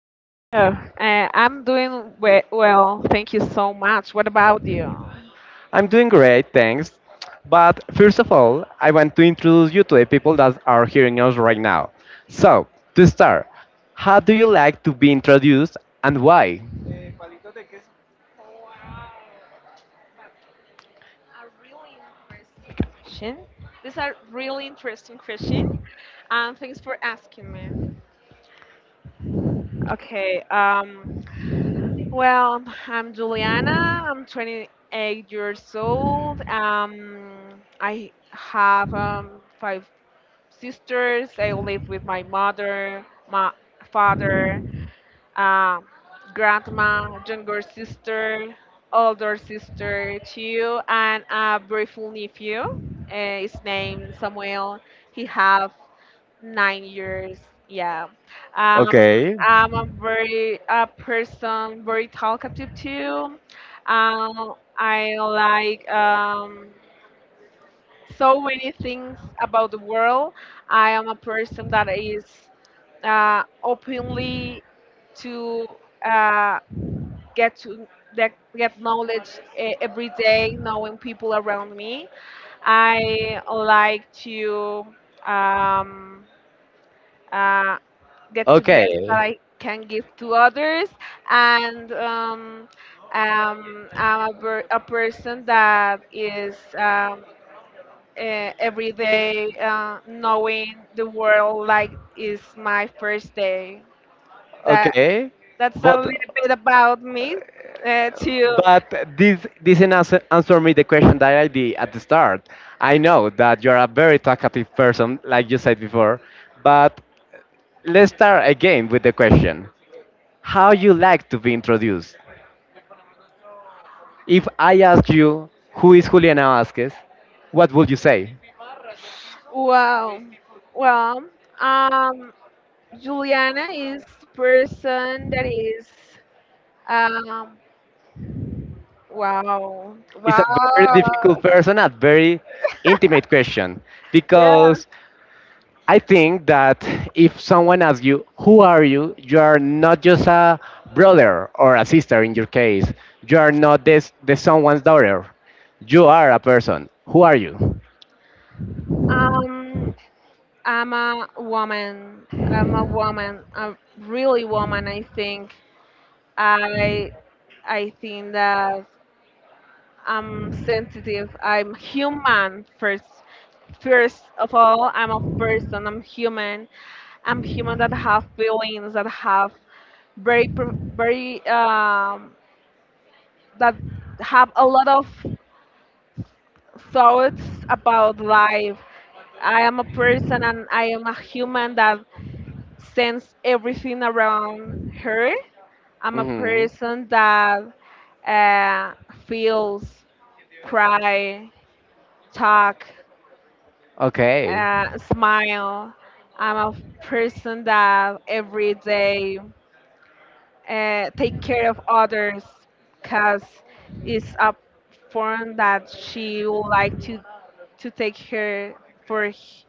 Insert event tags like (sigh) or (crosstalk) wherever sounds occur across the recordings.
Steph. I'm doing we well. Thank you so much. What about you? I'm doing great, thanks. But first of all, I want to introduce you to the people that are hearing us right now. So, to start, how do you like to be introduced and why? Question. These are really interesting questions, and thanks for asking me. Okay. Well, I'm Juliana. I'm 28 years old. I have five sisters. I live with my mother, my father, uh, grandma, younger sister, older sister, two, and a beautiful nephew. His name Samuel. He have 9 years. Yeah. Um, Okay. I'm a person very talkative too. I like so many things about the world. I am a person that is openly to uh, get to that get knowledge every day knowing people around me. I like to um, uh, get to best that Okay. I can give to others, and I'm a person that is every day knowing the world like is my first day that Okay, that's a but little bit about me. To but this didn't answer me the question that I did at the start. I know that you're a very talkative person, like you said before, but let's start again with the question. How you like to be introduced? If I ask you who is Juliana Vasquez, what would you say? Wow. Well, um, Juliana is the person that is um wow. It's a very Wow. difficult person, a very intimate question Yeah. because I think that if someone asks you who are you, you are not just a brother or a sister in your case. You are not this the someone's daughter. You are a person. Who are you? Um I'm a woman. I'm a woman. A really woman I think. I I think that I'm sensitive. I'm human first. First of all, I'm a person. I'm human. I'm human that have feelings, that have very pro- very that have a lot of thoughts about life. I am a person and I am a human that sends everything around her. I'm a hmm person that uh, feels, cry, talk, Okay. Smile. I'm a person that every day take care of others because it's a form that she would like to take her for h-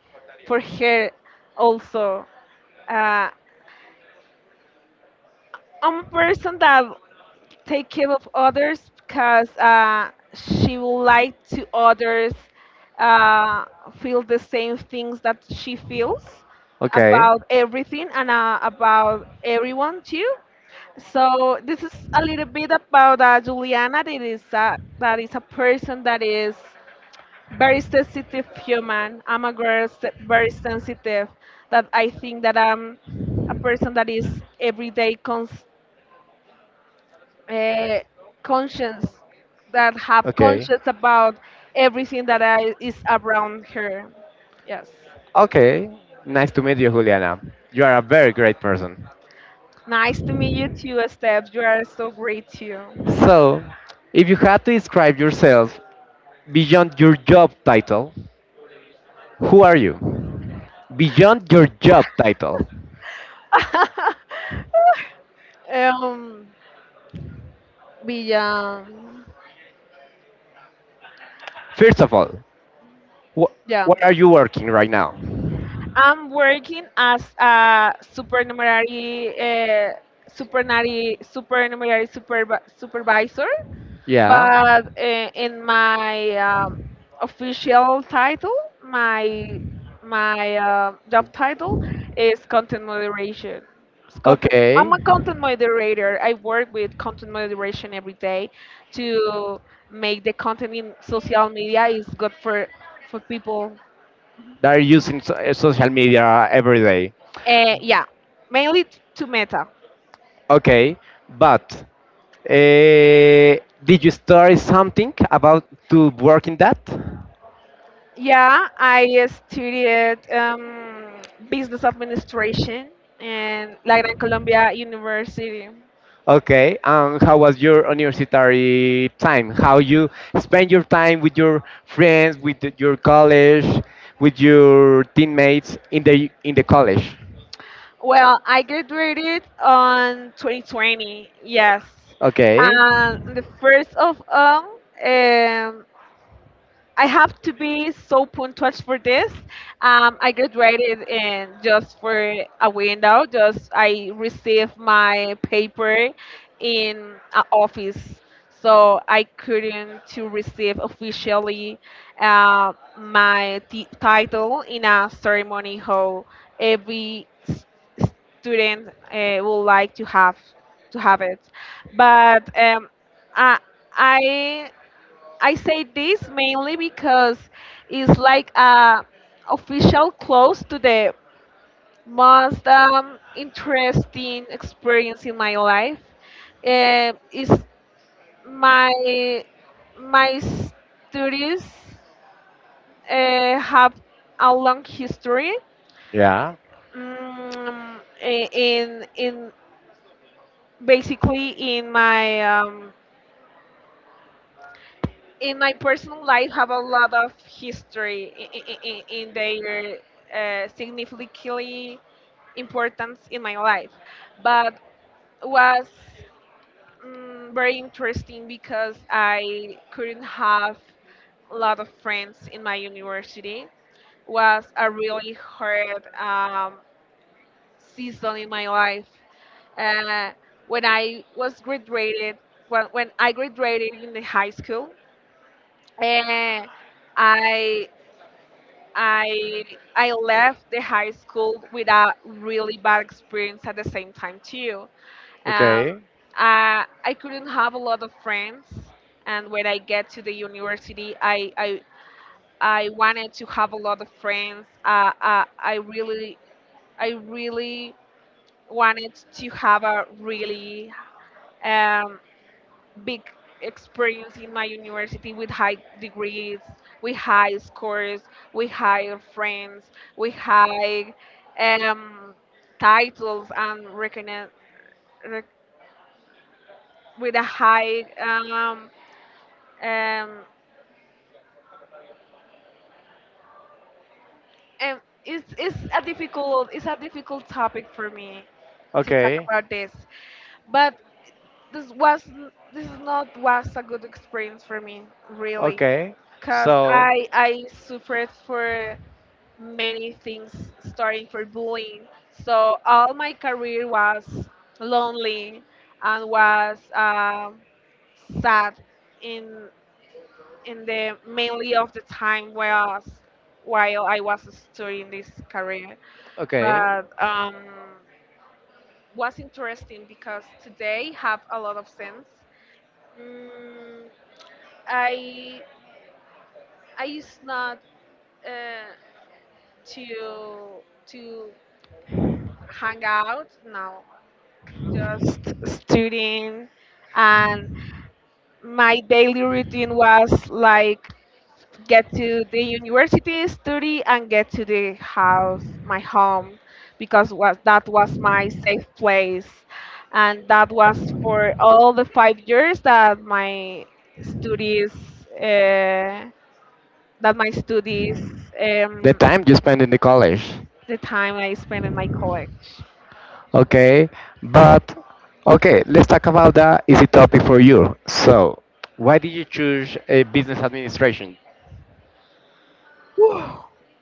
for her also. uh, I'm a person that take care of others because she would like to others uh, feel the same things that she feels Okay. about everything, and about everyone too. So this is a little bit about Juliana. That is a person that is very sensitive human. I'm a girl se- Very sensitive. That I think that I'm a person that is everyday uh, conscious, that have Okay. conscious about everything that is around her. Yes. Okay, nice to meet you, Juliana. You are a very great person. Nice to meet you too, Steph. You are so great too. So, if you had to describe yourself beyond your job title, who are you? Beyond your job title. (laughs) (laughs) um, Villa, First of all, wh- yeah. what are you working right now? I'm working as a supernumerary, supervisor. Yeah. But in my official title, my my job title is content moderation. Okay. I'm a content moderator. I work with content moderation every day to make the content in social media is good for people. They are using social media every day. Yeah, mainly to Meta. Okay, but did you study something about to work in that? Yeah, I studied business administration in La Gran Colombia University. Okay, and how was your university time? How you spend your time with your friends, with your college, with your teammates in the college? Well, I graduated on 2020, yes. Okay, And the first of all, I have to be so punctual for this. I graduated in just for a window. Just I received my paper in a office, so I couldn't to receive officially title in a ceremony hall. Every s- Student would like to have it, but I. I I say this mainly because it's like a official close to the most interesting experience in my life. Is my my studies have a long history. yeah. Mm, I- in Basically in my personal life have a lot of history in their significantly importance in my life, but was very interesting because I couldn't have a lot of friends in my university. Was a really hard season in my life, uh, when I was graduated, when I graduated in the high school, and I I I left the high school with a really bad experience at the same time too. Um, Okay. I couldn't have a lot of friends, and when I get to the university, I wanted to have a lot of friends. I really wanted to have a really um, big experience in my university with high degrees, with high scores, with high friends, with high um, titles and recogni- rec- with a high um, and it's a difficult topic for me to talk Okay. about this, but this was this is not was a good experience for me really Okay. because So, I suffered for many things starting for bullying. So all my career was lonely and was sad in the mainly of the time was while I was studying this career. okay. But was interesting because today have a lot of sense. Mm, I I used not uh, to hang out. No, just studying, and my daily routine was like get to the university, study, and get to the house, my home, because was that was my safe place. And that was for all the 5 years that my studies uh, that my studies The um, time you spend in the college. the time I spent in my college. Okay, but okay, let's talk about the easy topic for you. So, why did you choose a business administration? Whew.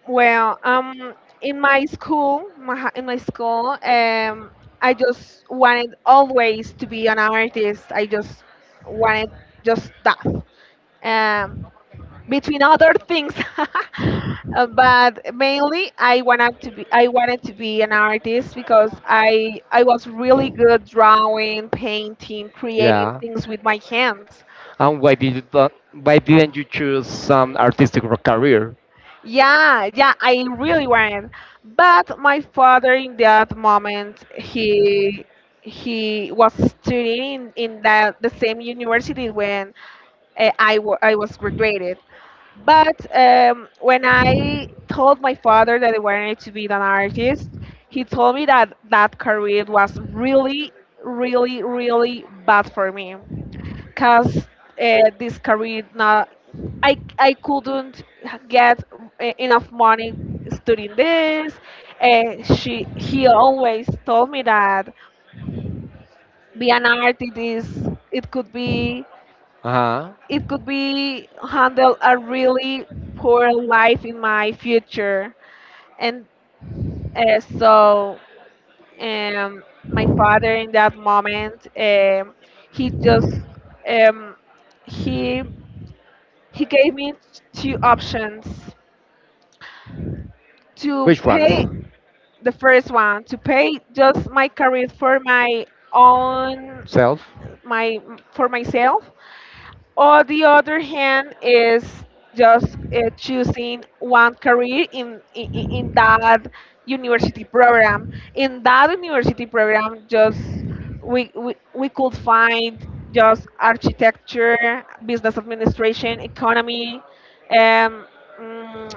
Well, in my school, I just wanted always to be an artist. I just wanted just that, um, between other things. (laughs) But mainly, I wanted to be I wanted to be an artist because I was really good drawing, painting, creating Yeah. things with my hands. And why did you not, why didn't you choose some artistic career? Yeah, yeah, I really went. But my father in that moment he was studying in, that the same university when I was graduated. But when I told my father that I wanted to be an artist, he told me that that career was really, really, really bad for me because this career not I couldn't get enough money studying this. And she he always told me that be an artist is Uh it could be handle a really poor life in my future. And uh, so um, my father in that moment he just um, he he gave me two options huh. to Which ones? pay. The first one, to pay just my career for my own, Self. my for myself, or the other hand is just choosing one career in that university program. In that university program, just we could find just architecture, business administration, economy, um, mm,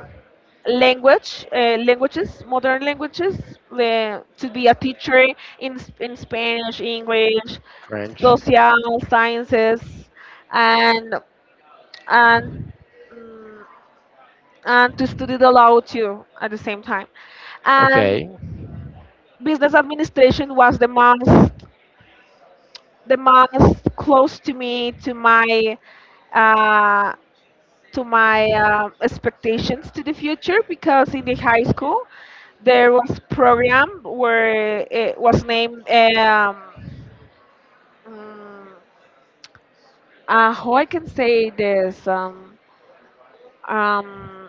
languages, modern languages, to be a teacher in Spanish, English, French. social sciences, and and mm, and to study the law too at the same time. And business administration was the most close to me, uh, to my expectations to the future, because in the high school there was program where it was named mm, how I can say this, um,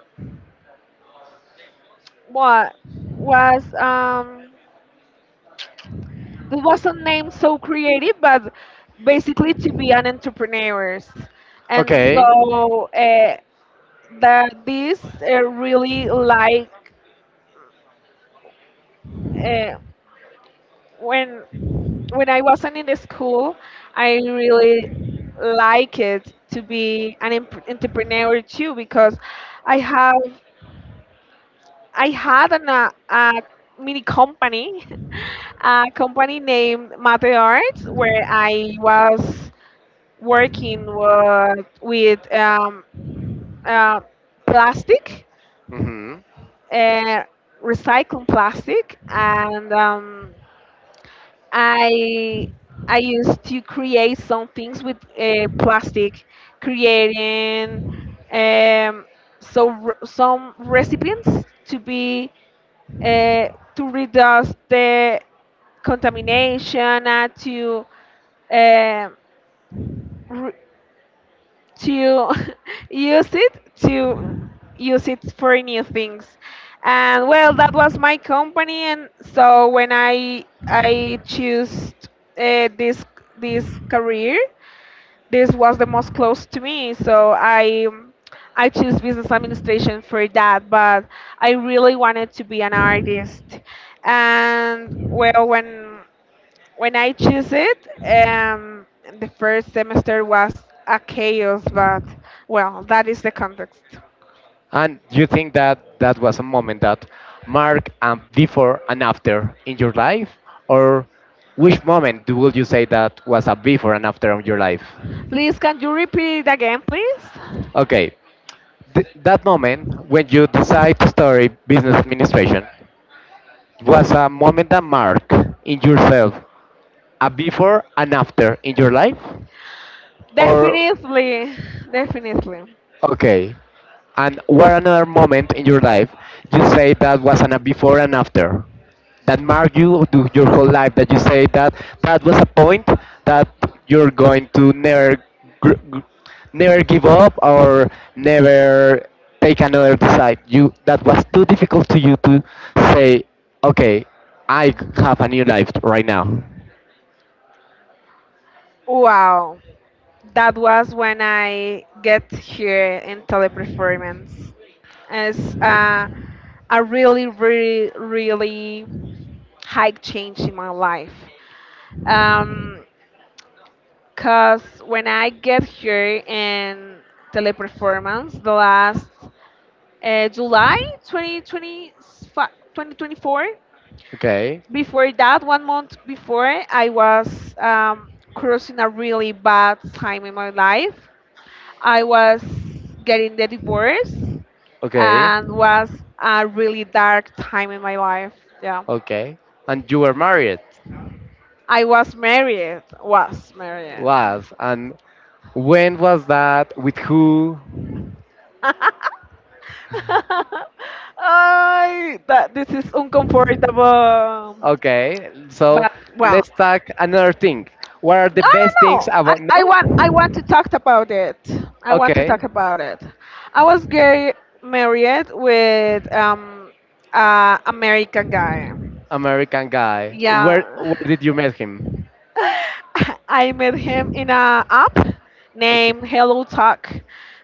what was it wasn't named so creative, but basically to be an entrepreneurs. And so that this really like uh, when I wasn't in the school, I really like it to be an em- entrepreneur too, because I have I had an, a mini company, (laughs) a company named Mate Arts, where I was working with uh, plastic, Mm-hmm. uh, recycling plastic. And I I used to create some things with plastic, creating um, some recipients to be uh, to reduce the contamination, and to uh, re- to (laughs) use it to use it for new things. And well, that was my company. And so when I chose uh, this this career, this was the most close to me, so I choose business administration for that. But I really wanted to be an artist. And well, when I choose it, um, the first semester was a chaos, but well, that is the context. And you think that that was a moment that marked a before and after in your life? Or which moment would you say that was a before and after of your life? Please, can you repeat it again, please? Okay, that moment when you decide to study business administration was a moment that marked in yourself a before and after in your life? Or Definitely, definitely. okay. And what another moment in your life you say that was an a before and after that marked you to your whole life that you say that that was a point that you're going to never gr- gr- never give up or never take another decide you that was too difficult to you to say okay I have a new life right now. Wow, that was when I get here in teleperformance. It's a really, really, really high change in my life. Um, Cause when I get here in Teleperformance, the last July 2025 2024, Okay. before that, 1 month before, I was crossing a really bad time in my life. I was getting the divorce, Okay. and was a really dark time in my life. Yeah. Okay. And you were married? I was married, was married. Was. And when was that? With who? (laughs) (laughs) I that this is uncomfortable. Okay. So But well, let's talk another thing. What are the no, best no, things no. About. No? I want to talk about it. I want to talk Okay. about it. I was gay married with American guy. American guy. Yeah. Where did you meet him? I met him in a app Okay. named Hello Talk.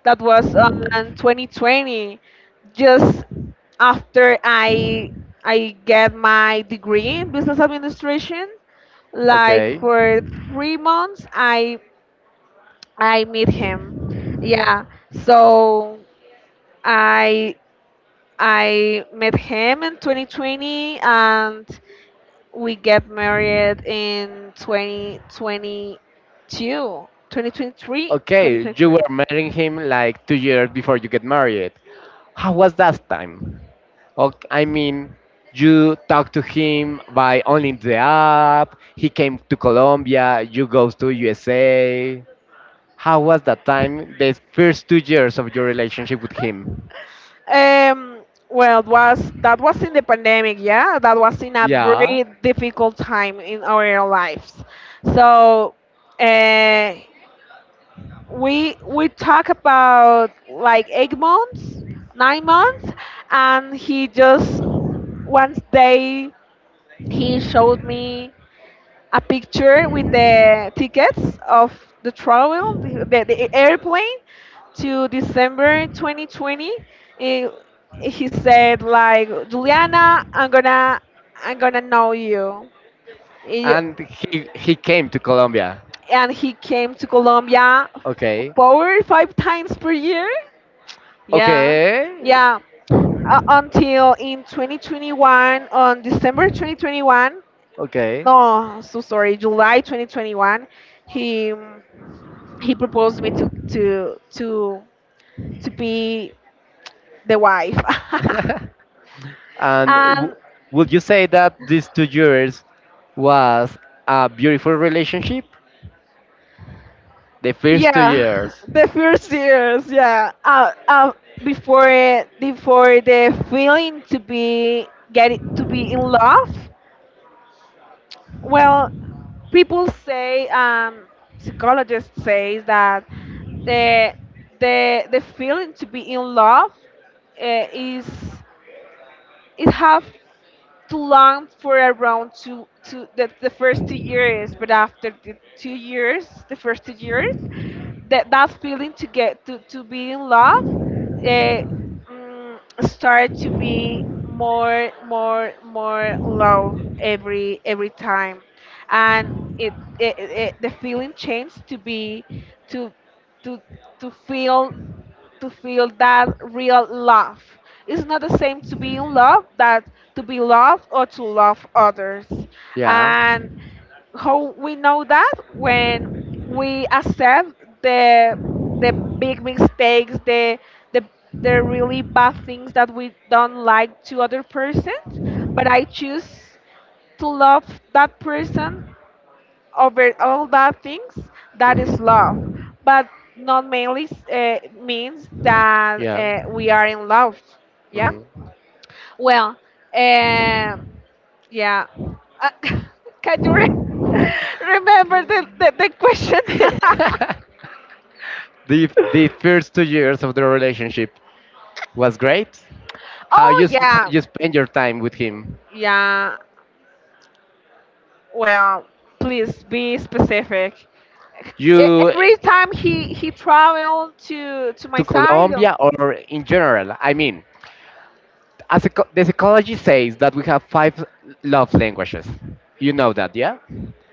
That was on 2020, just after I get my degree in business administration, like Okay. for 3 months I meet him, yeah. So I I met him in 2020, and we get married in twenty Okay, twenty you three. were marrying him like 2 years before you get married. How was that time? Okay, I mean, you talk to him by only the app. He came to Colombia. You go to USA. How was that time? The first 2 years of your relationship with him. um well, it was that was in the pandemic, yeah, that was in a Yeah. very difficult time in our lives. So uh, we talk about like 8 months, 9 months, and he just one day he showed me a picture with the tickets of the travel, the airplane to December 2020. He, he said like, Juliana, I'm gonna know you. He- And he came to Colombia. and he came to Colombia Okay. four, five times per year. Yeah, Okay. yeah. Until in 2021, on December 2021, Okay. no, so sorry, July 2021, he he proposed me to to be the wife (laughs) (laughs) and and would you say that these 2 years was a beautiful relationship? The first two yeah years. the first years yeah before it before the feeling to be get it, to be in love well people say psychologist says that the the feeling to be in love is it have too long for around two, two that the first 2 years, but after the 2 years, the first 2 years, that feeling to get to be in love, eh, start to be more low every time, and it, it the feeling changed to be to to to feel to feel that real love. It's not the same to be in love that to be loved or to love others. Yeah. And how we know that when we accept the the big mistakes, the the really bad things that we don't like to other persons, but I choose to love that person over all that things that Mhm. is love but not mainly means that Yeah. We are in love yeah Mhm. well um yeah uh, (laughs) can you re- (laughs) remember the question (laughs) the (laughs) first 2 years of the relationship was great. How you oh how yeah you spend your time with him? yeah well please be specific E- You every time he traveled to to my side oh. Colombia or in general? I mean, as a, the psychology says that we have 5 love languages. You know that, yeah?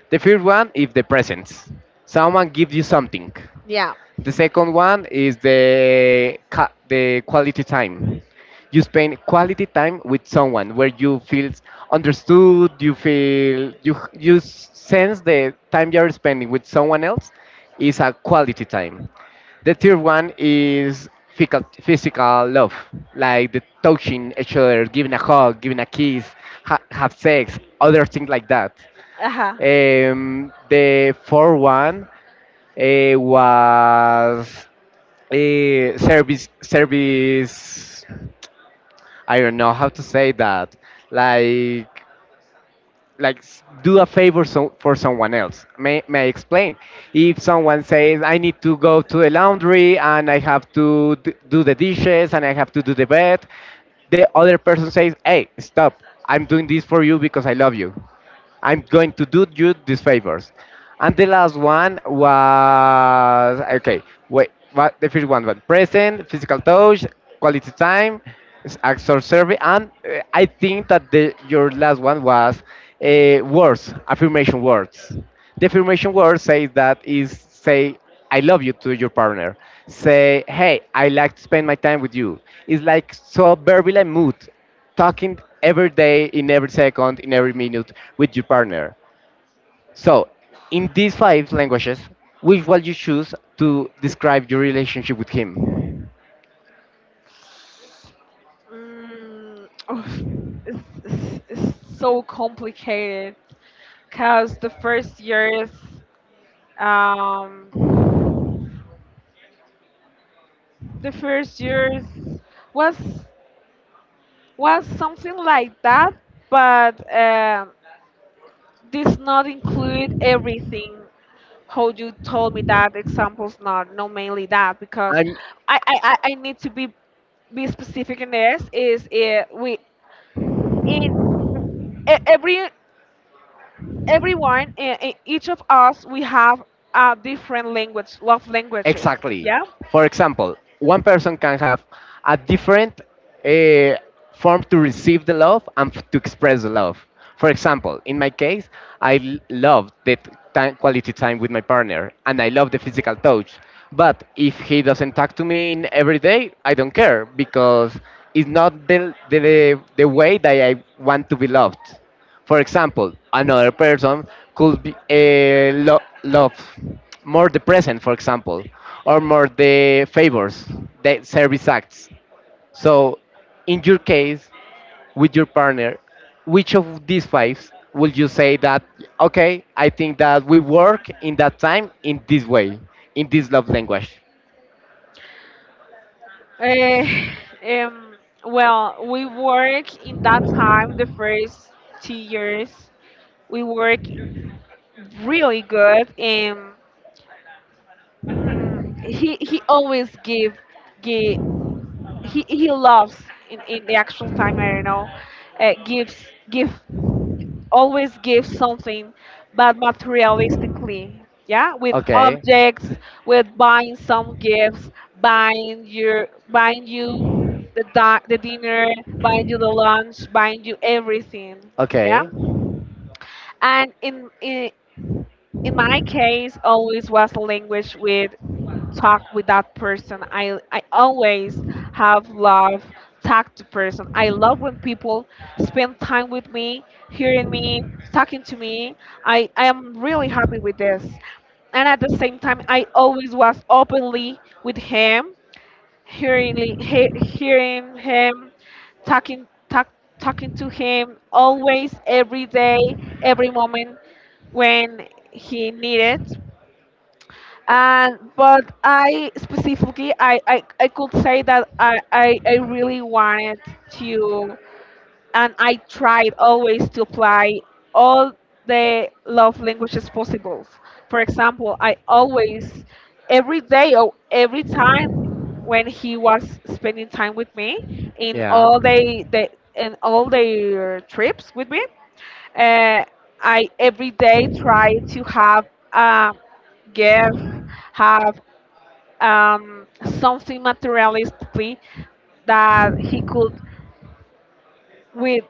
The first one is the presence. Someone gives you something. Yeah. The second one is the quality time. You spend quality time with someone where you feel understood. You feel you sense the time you're spending with someone else is a quality time. The third one is physical love, like the touching each other, giving a hug, giving a kiss, have sex, other things like that. Ajá. The fourth one was service, I don't know how to say that, like like do a favor so, for someone else. May I explain? If someone says I need to go to the laundry and I have to do the dishes and I have to do the bed, the other person says hey, stop, I'm doing this for you because I love you, I'm going to do you these favors. And the last one was okay. Wait, what the first one was present, physical touch, quality time, actor survey, and I think that the your last one was words, affirmation words. The affirmation word says that is say I love you to your partner. Say hey, I like to spend my time with you. It's like so verbal and mood, talking every day, in every second, in every minute with your partner. So, in these five languages, which one you choose to describe your relationship with him? Mm, oof. It's, it's so complicated because um, the first years was was something like that, but this not include everything. How you told me that examples not no mainly that because I'm I need to be specific in this is we in e- every everyone, each of us, we have a different language, love languages. Exactly. Yeah. For example, one person can have a different uh, form to receive the love and to express the love. For example, in my case, I love time, quality time with my partner and I love the physical touch. But if he doesn't talk to me in every day, I don't care because it's not the way that I want to be loved. For example, another person could be love more the present, for example, or more the favors, the service acts. So, in your case, with your partner, which of these five would you say that, okay, I think that we work in that time in this way, in this love language? Eh, um, well, we work in that time, the first 2 years, we work really good, and mm, he always give give he loves in the actual time. I don't know, gives give always give something, but materialistically. Yeah, with Okay. objects, with buying some gifts, buying you the dinner, buying you the lunch, buying you everything. Yeah, Okay. and in my case, always was a language with talk with that person. I always have love talk to person. I love when people spend time with me, hearing me, talking to me. I am really happy with this. And at the same time I always was openly with him, hearing him, talking talk, talking to him always every day, every moment when he needed and but I specifically I could say that I really wanted to and I tried always to apply all the love languages possible. For example, I always every day or every time when he was spending time with me in Yeah. all the in all their trips with me, uh, I every day try to have a gift, have um, something materialistically that he could with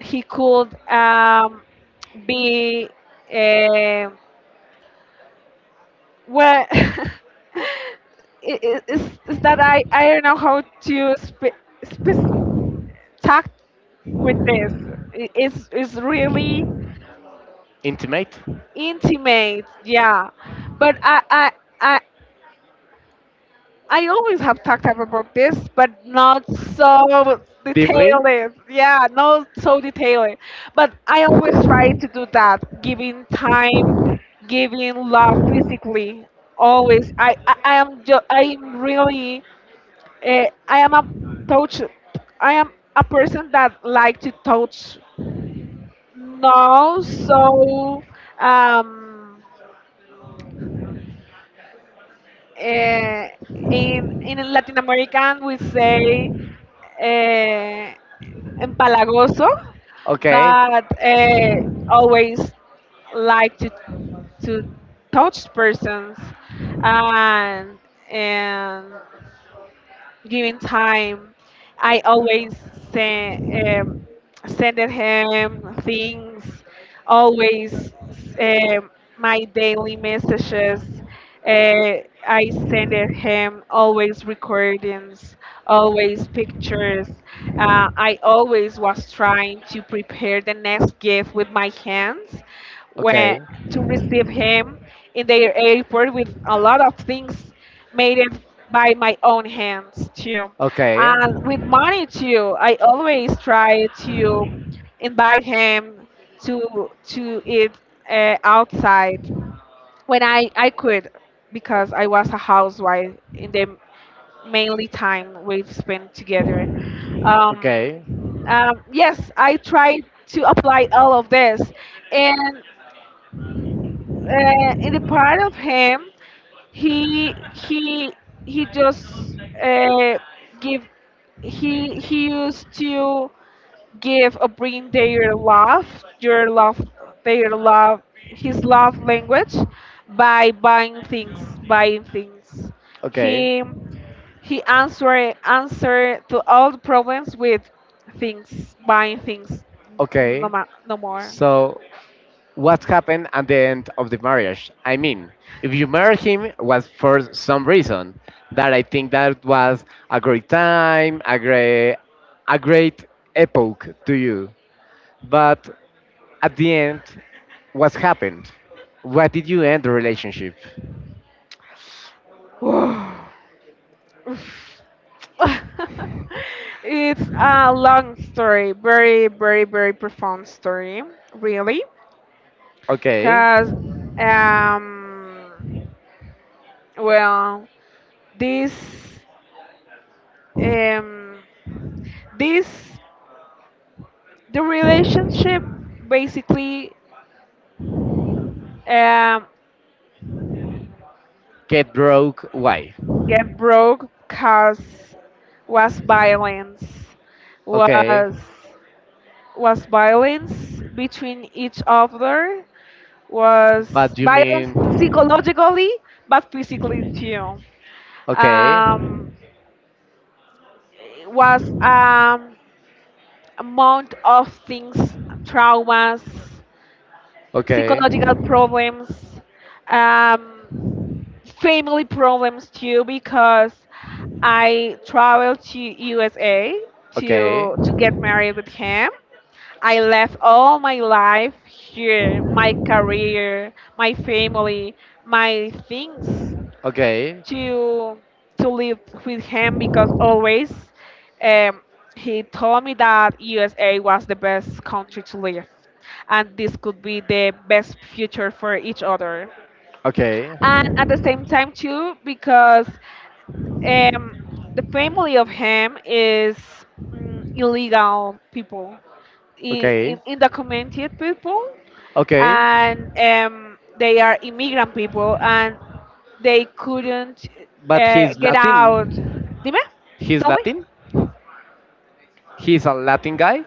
he could be uh, well (laughs) it's that I don't know how to talk with this it's really Intimate? intimate yeah but I I always have talked about this, but not so Deeply. detailed. Yeah, not so detailed. But I always try to do that, giving time, giving love physically. Always, I am, I am really, I am a touch. I am a person that like to touch. No, so um, Uh, in Latin American, we say uh, empalagoso, Okay. but always like to touch persons and and given time, I always send um, sending him things, always um, my daily messages. I send it him always recordings, always pictures. I always was trying to prepare the next gift with my hands when Okay. to receive him in their airport with a lot of things made it by my own hands too. Okay. And with money too, I always try to invite him to eat outside when I could because I was a housewife in the mainly time we spent together. Um, Okay. Yes, I tried to apply all of this, and in the part of him. he he he just give he used to give or bring their love your love their love his love language by buying things Okay. he he answer answer to all the problems with things buying things no, Okay. ma- no more So, what happened at the end of the marriage? I mean, if you marry him was for some reason that I think that was a great time, a great epoch to you. But at the end, what happened? Why did you end the relationship? (sighs) Oof. (laughs) it's a long story, very, very, very profound story, really. Okay, Because, um, well, this, um, this, the relationship basically um, get broke. Why? get broke because was violence, Okay, was was violence between each other was but you violence mean? psychologically, but physically too. Okay, Um, it was amount of things, traumas, okay, psychological problems, um, family problems too, because I traveled to USA okay. To get married with him. I left all my life here, my career, my family, my things Okay. to to live with him because always um, he told me that USA was the best country to live and this could be the best future for each other Okay. and at the same time too because um, the family of him is illegal people Okay. undocumented people Okay. and they are immigrant people and they couldn't But he's get out. Latin. Dime, He's tell me. Latin? He's a Latin guy,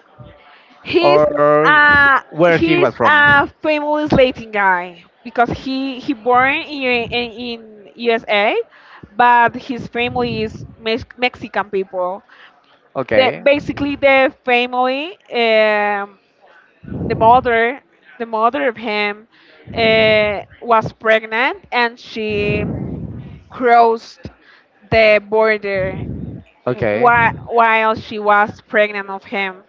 He's or uh where he he's was a from? famous Latin guy because he born in USA, but his family is Mex- Mexican people. The Okay. basically the family, the mother, the mother of him, was pregnant and she crossed the border Okay. whi- while she was pregnant of him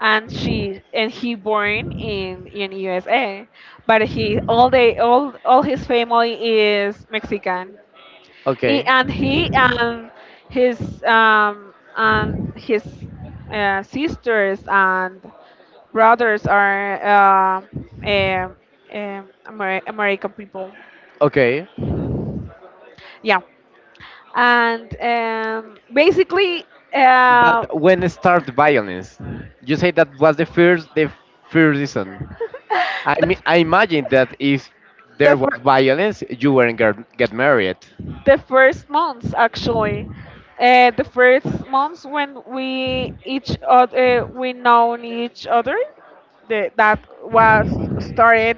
and she and he born in USA but he all they all his family is Mexican Okay, he and his sisters and brothers are uh, um Amer- American people okay. yeah and basically But uh, when (laughs) it started violence, you say that was the first reason. I mean, I the imagine that if the, there was fir- violence, you weren't get married. the first months actually the first months when we each other we known each other the, that was started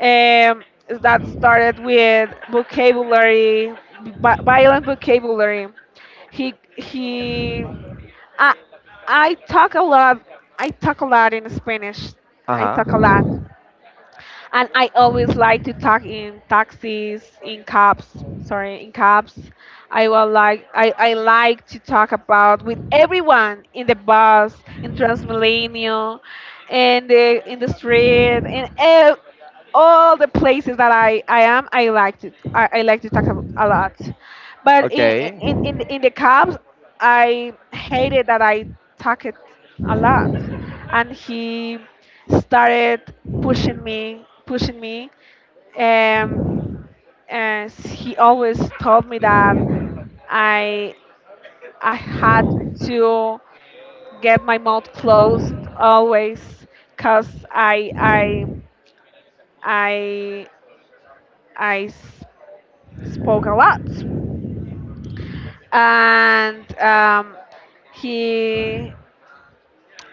um, that started with vocabulary vi- violent vocabulary he I, I talk a lot I talk a lot in Spanish I talk a lot Uh and I always like to talk in taxis, in cabs. Sorry, in cabs. I will like I like to talk about with everyone in the bus, in Transmilenio, and in the street, in ev- all the places that huh. I am. I like to I like to talk a lot, but Okay. In the cabs, I hated that I talked a lot, and he started pushing me, and, and he always told me that I I had to get my mouth closed always, cause I I s- spoke a lot, and he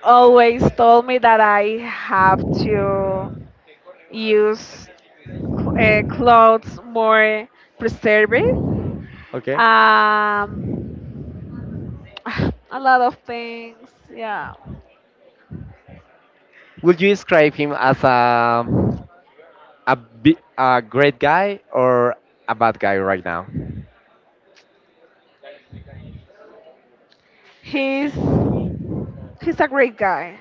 always told me that I have to use cl- clothes more preservative. Okay. Um, (sighs) a lot of things. Yeah, Would you describe him as a a great guy or a bad guy right now? he's he's a great guy.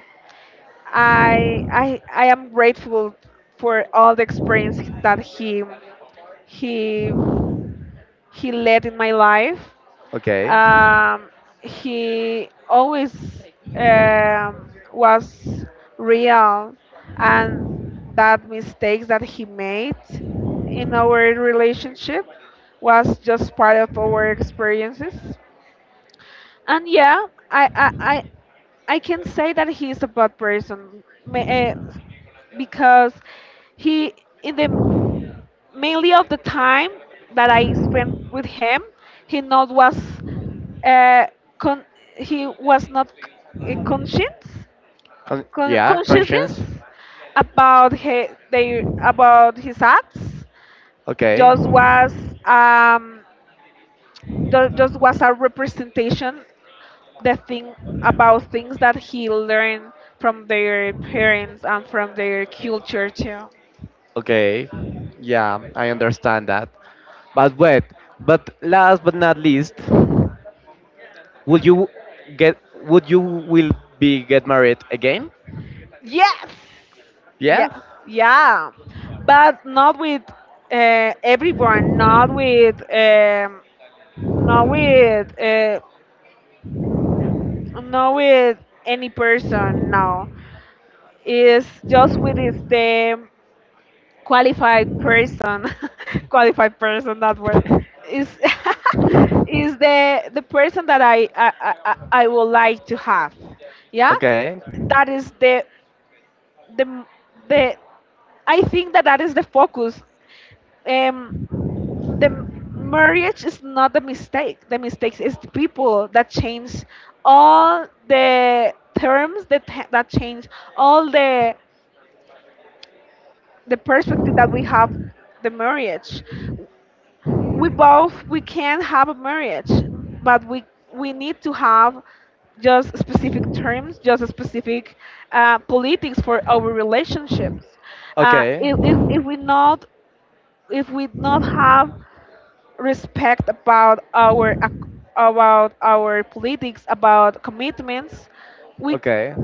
I am grateful for all the experience that he he led in my life. Okay. Um, he always um, was real, and that mistakes that he made in our relationship was just part of our experiences. And yeah, I can say that he is a bad person because he in the mainly of the time that I spent with him, he not was uh, con- he was not conscious Con- yeah, consciousness conscience. about his, their about his acts Okay. just was um just was a representation the thing about things that he learned from their parents and from their culture too. Okay. Yeah, I understand that. But wait, but last but not least, would you get would you will be get married again? Yes. Yes, Yeah. yeah, but not with everyone, not with not with not with any person. No, it's just with his them qualified person, (laughs) qualified person that word is (laughs) is the person that I would like to have. Yeah, Okay. that is the the I think that that is the focus. Um, the m- marriage is not the mistake. The mistakes is the people that change all the terms that that change all the perspective that we have the marriage we both we can have a marriage but we need to have just specific terms just specific politics for our relationships Okay. if, we not if we not have respect about about our politics about commitments we c- Okay.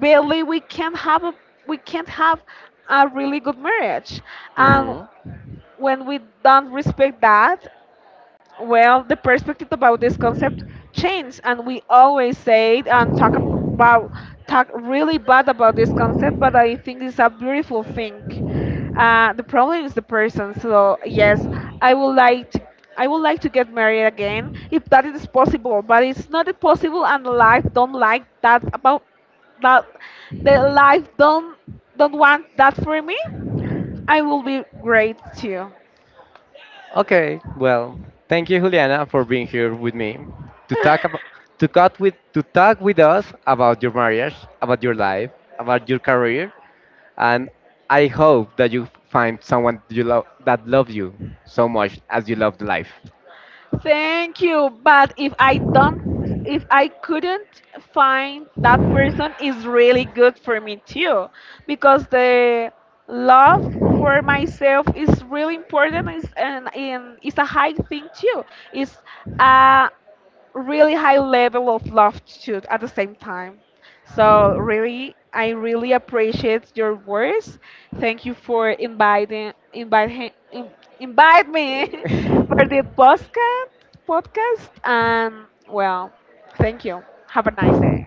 barely we can't have a we can't have a really good marriage and Mhm. when we don't respect that well, the perspective about this concept changed, and we always say it and talk about talk really bad about this concept, but I think it's a beautiful thing. The problem is the person. So yes, I would like to. I would like to get married again if that is possible, but it's not possible, and life don't like that about that. The life don't want that for me. I will be great too. Okay, well, thank you, Juliana, for being here with me to talk about to talk with us about your marriage, about your life, about your career, and I hope that you find someone you love that loves you so much as you love life. Thank you. But if I don't, if I couldn't find that person, is really good for me too, because the love for myself is really important. Is and it's a high thing too. It's uh, really high level of love too at the same time. So really, I really appreciate your words. Thank you for inviting invite he- in- invite me (laughs) for (laughs) the podcast podcast and well, thank you. Have a nice day.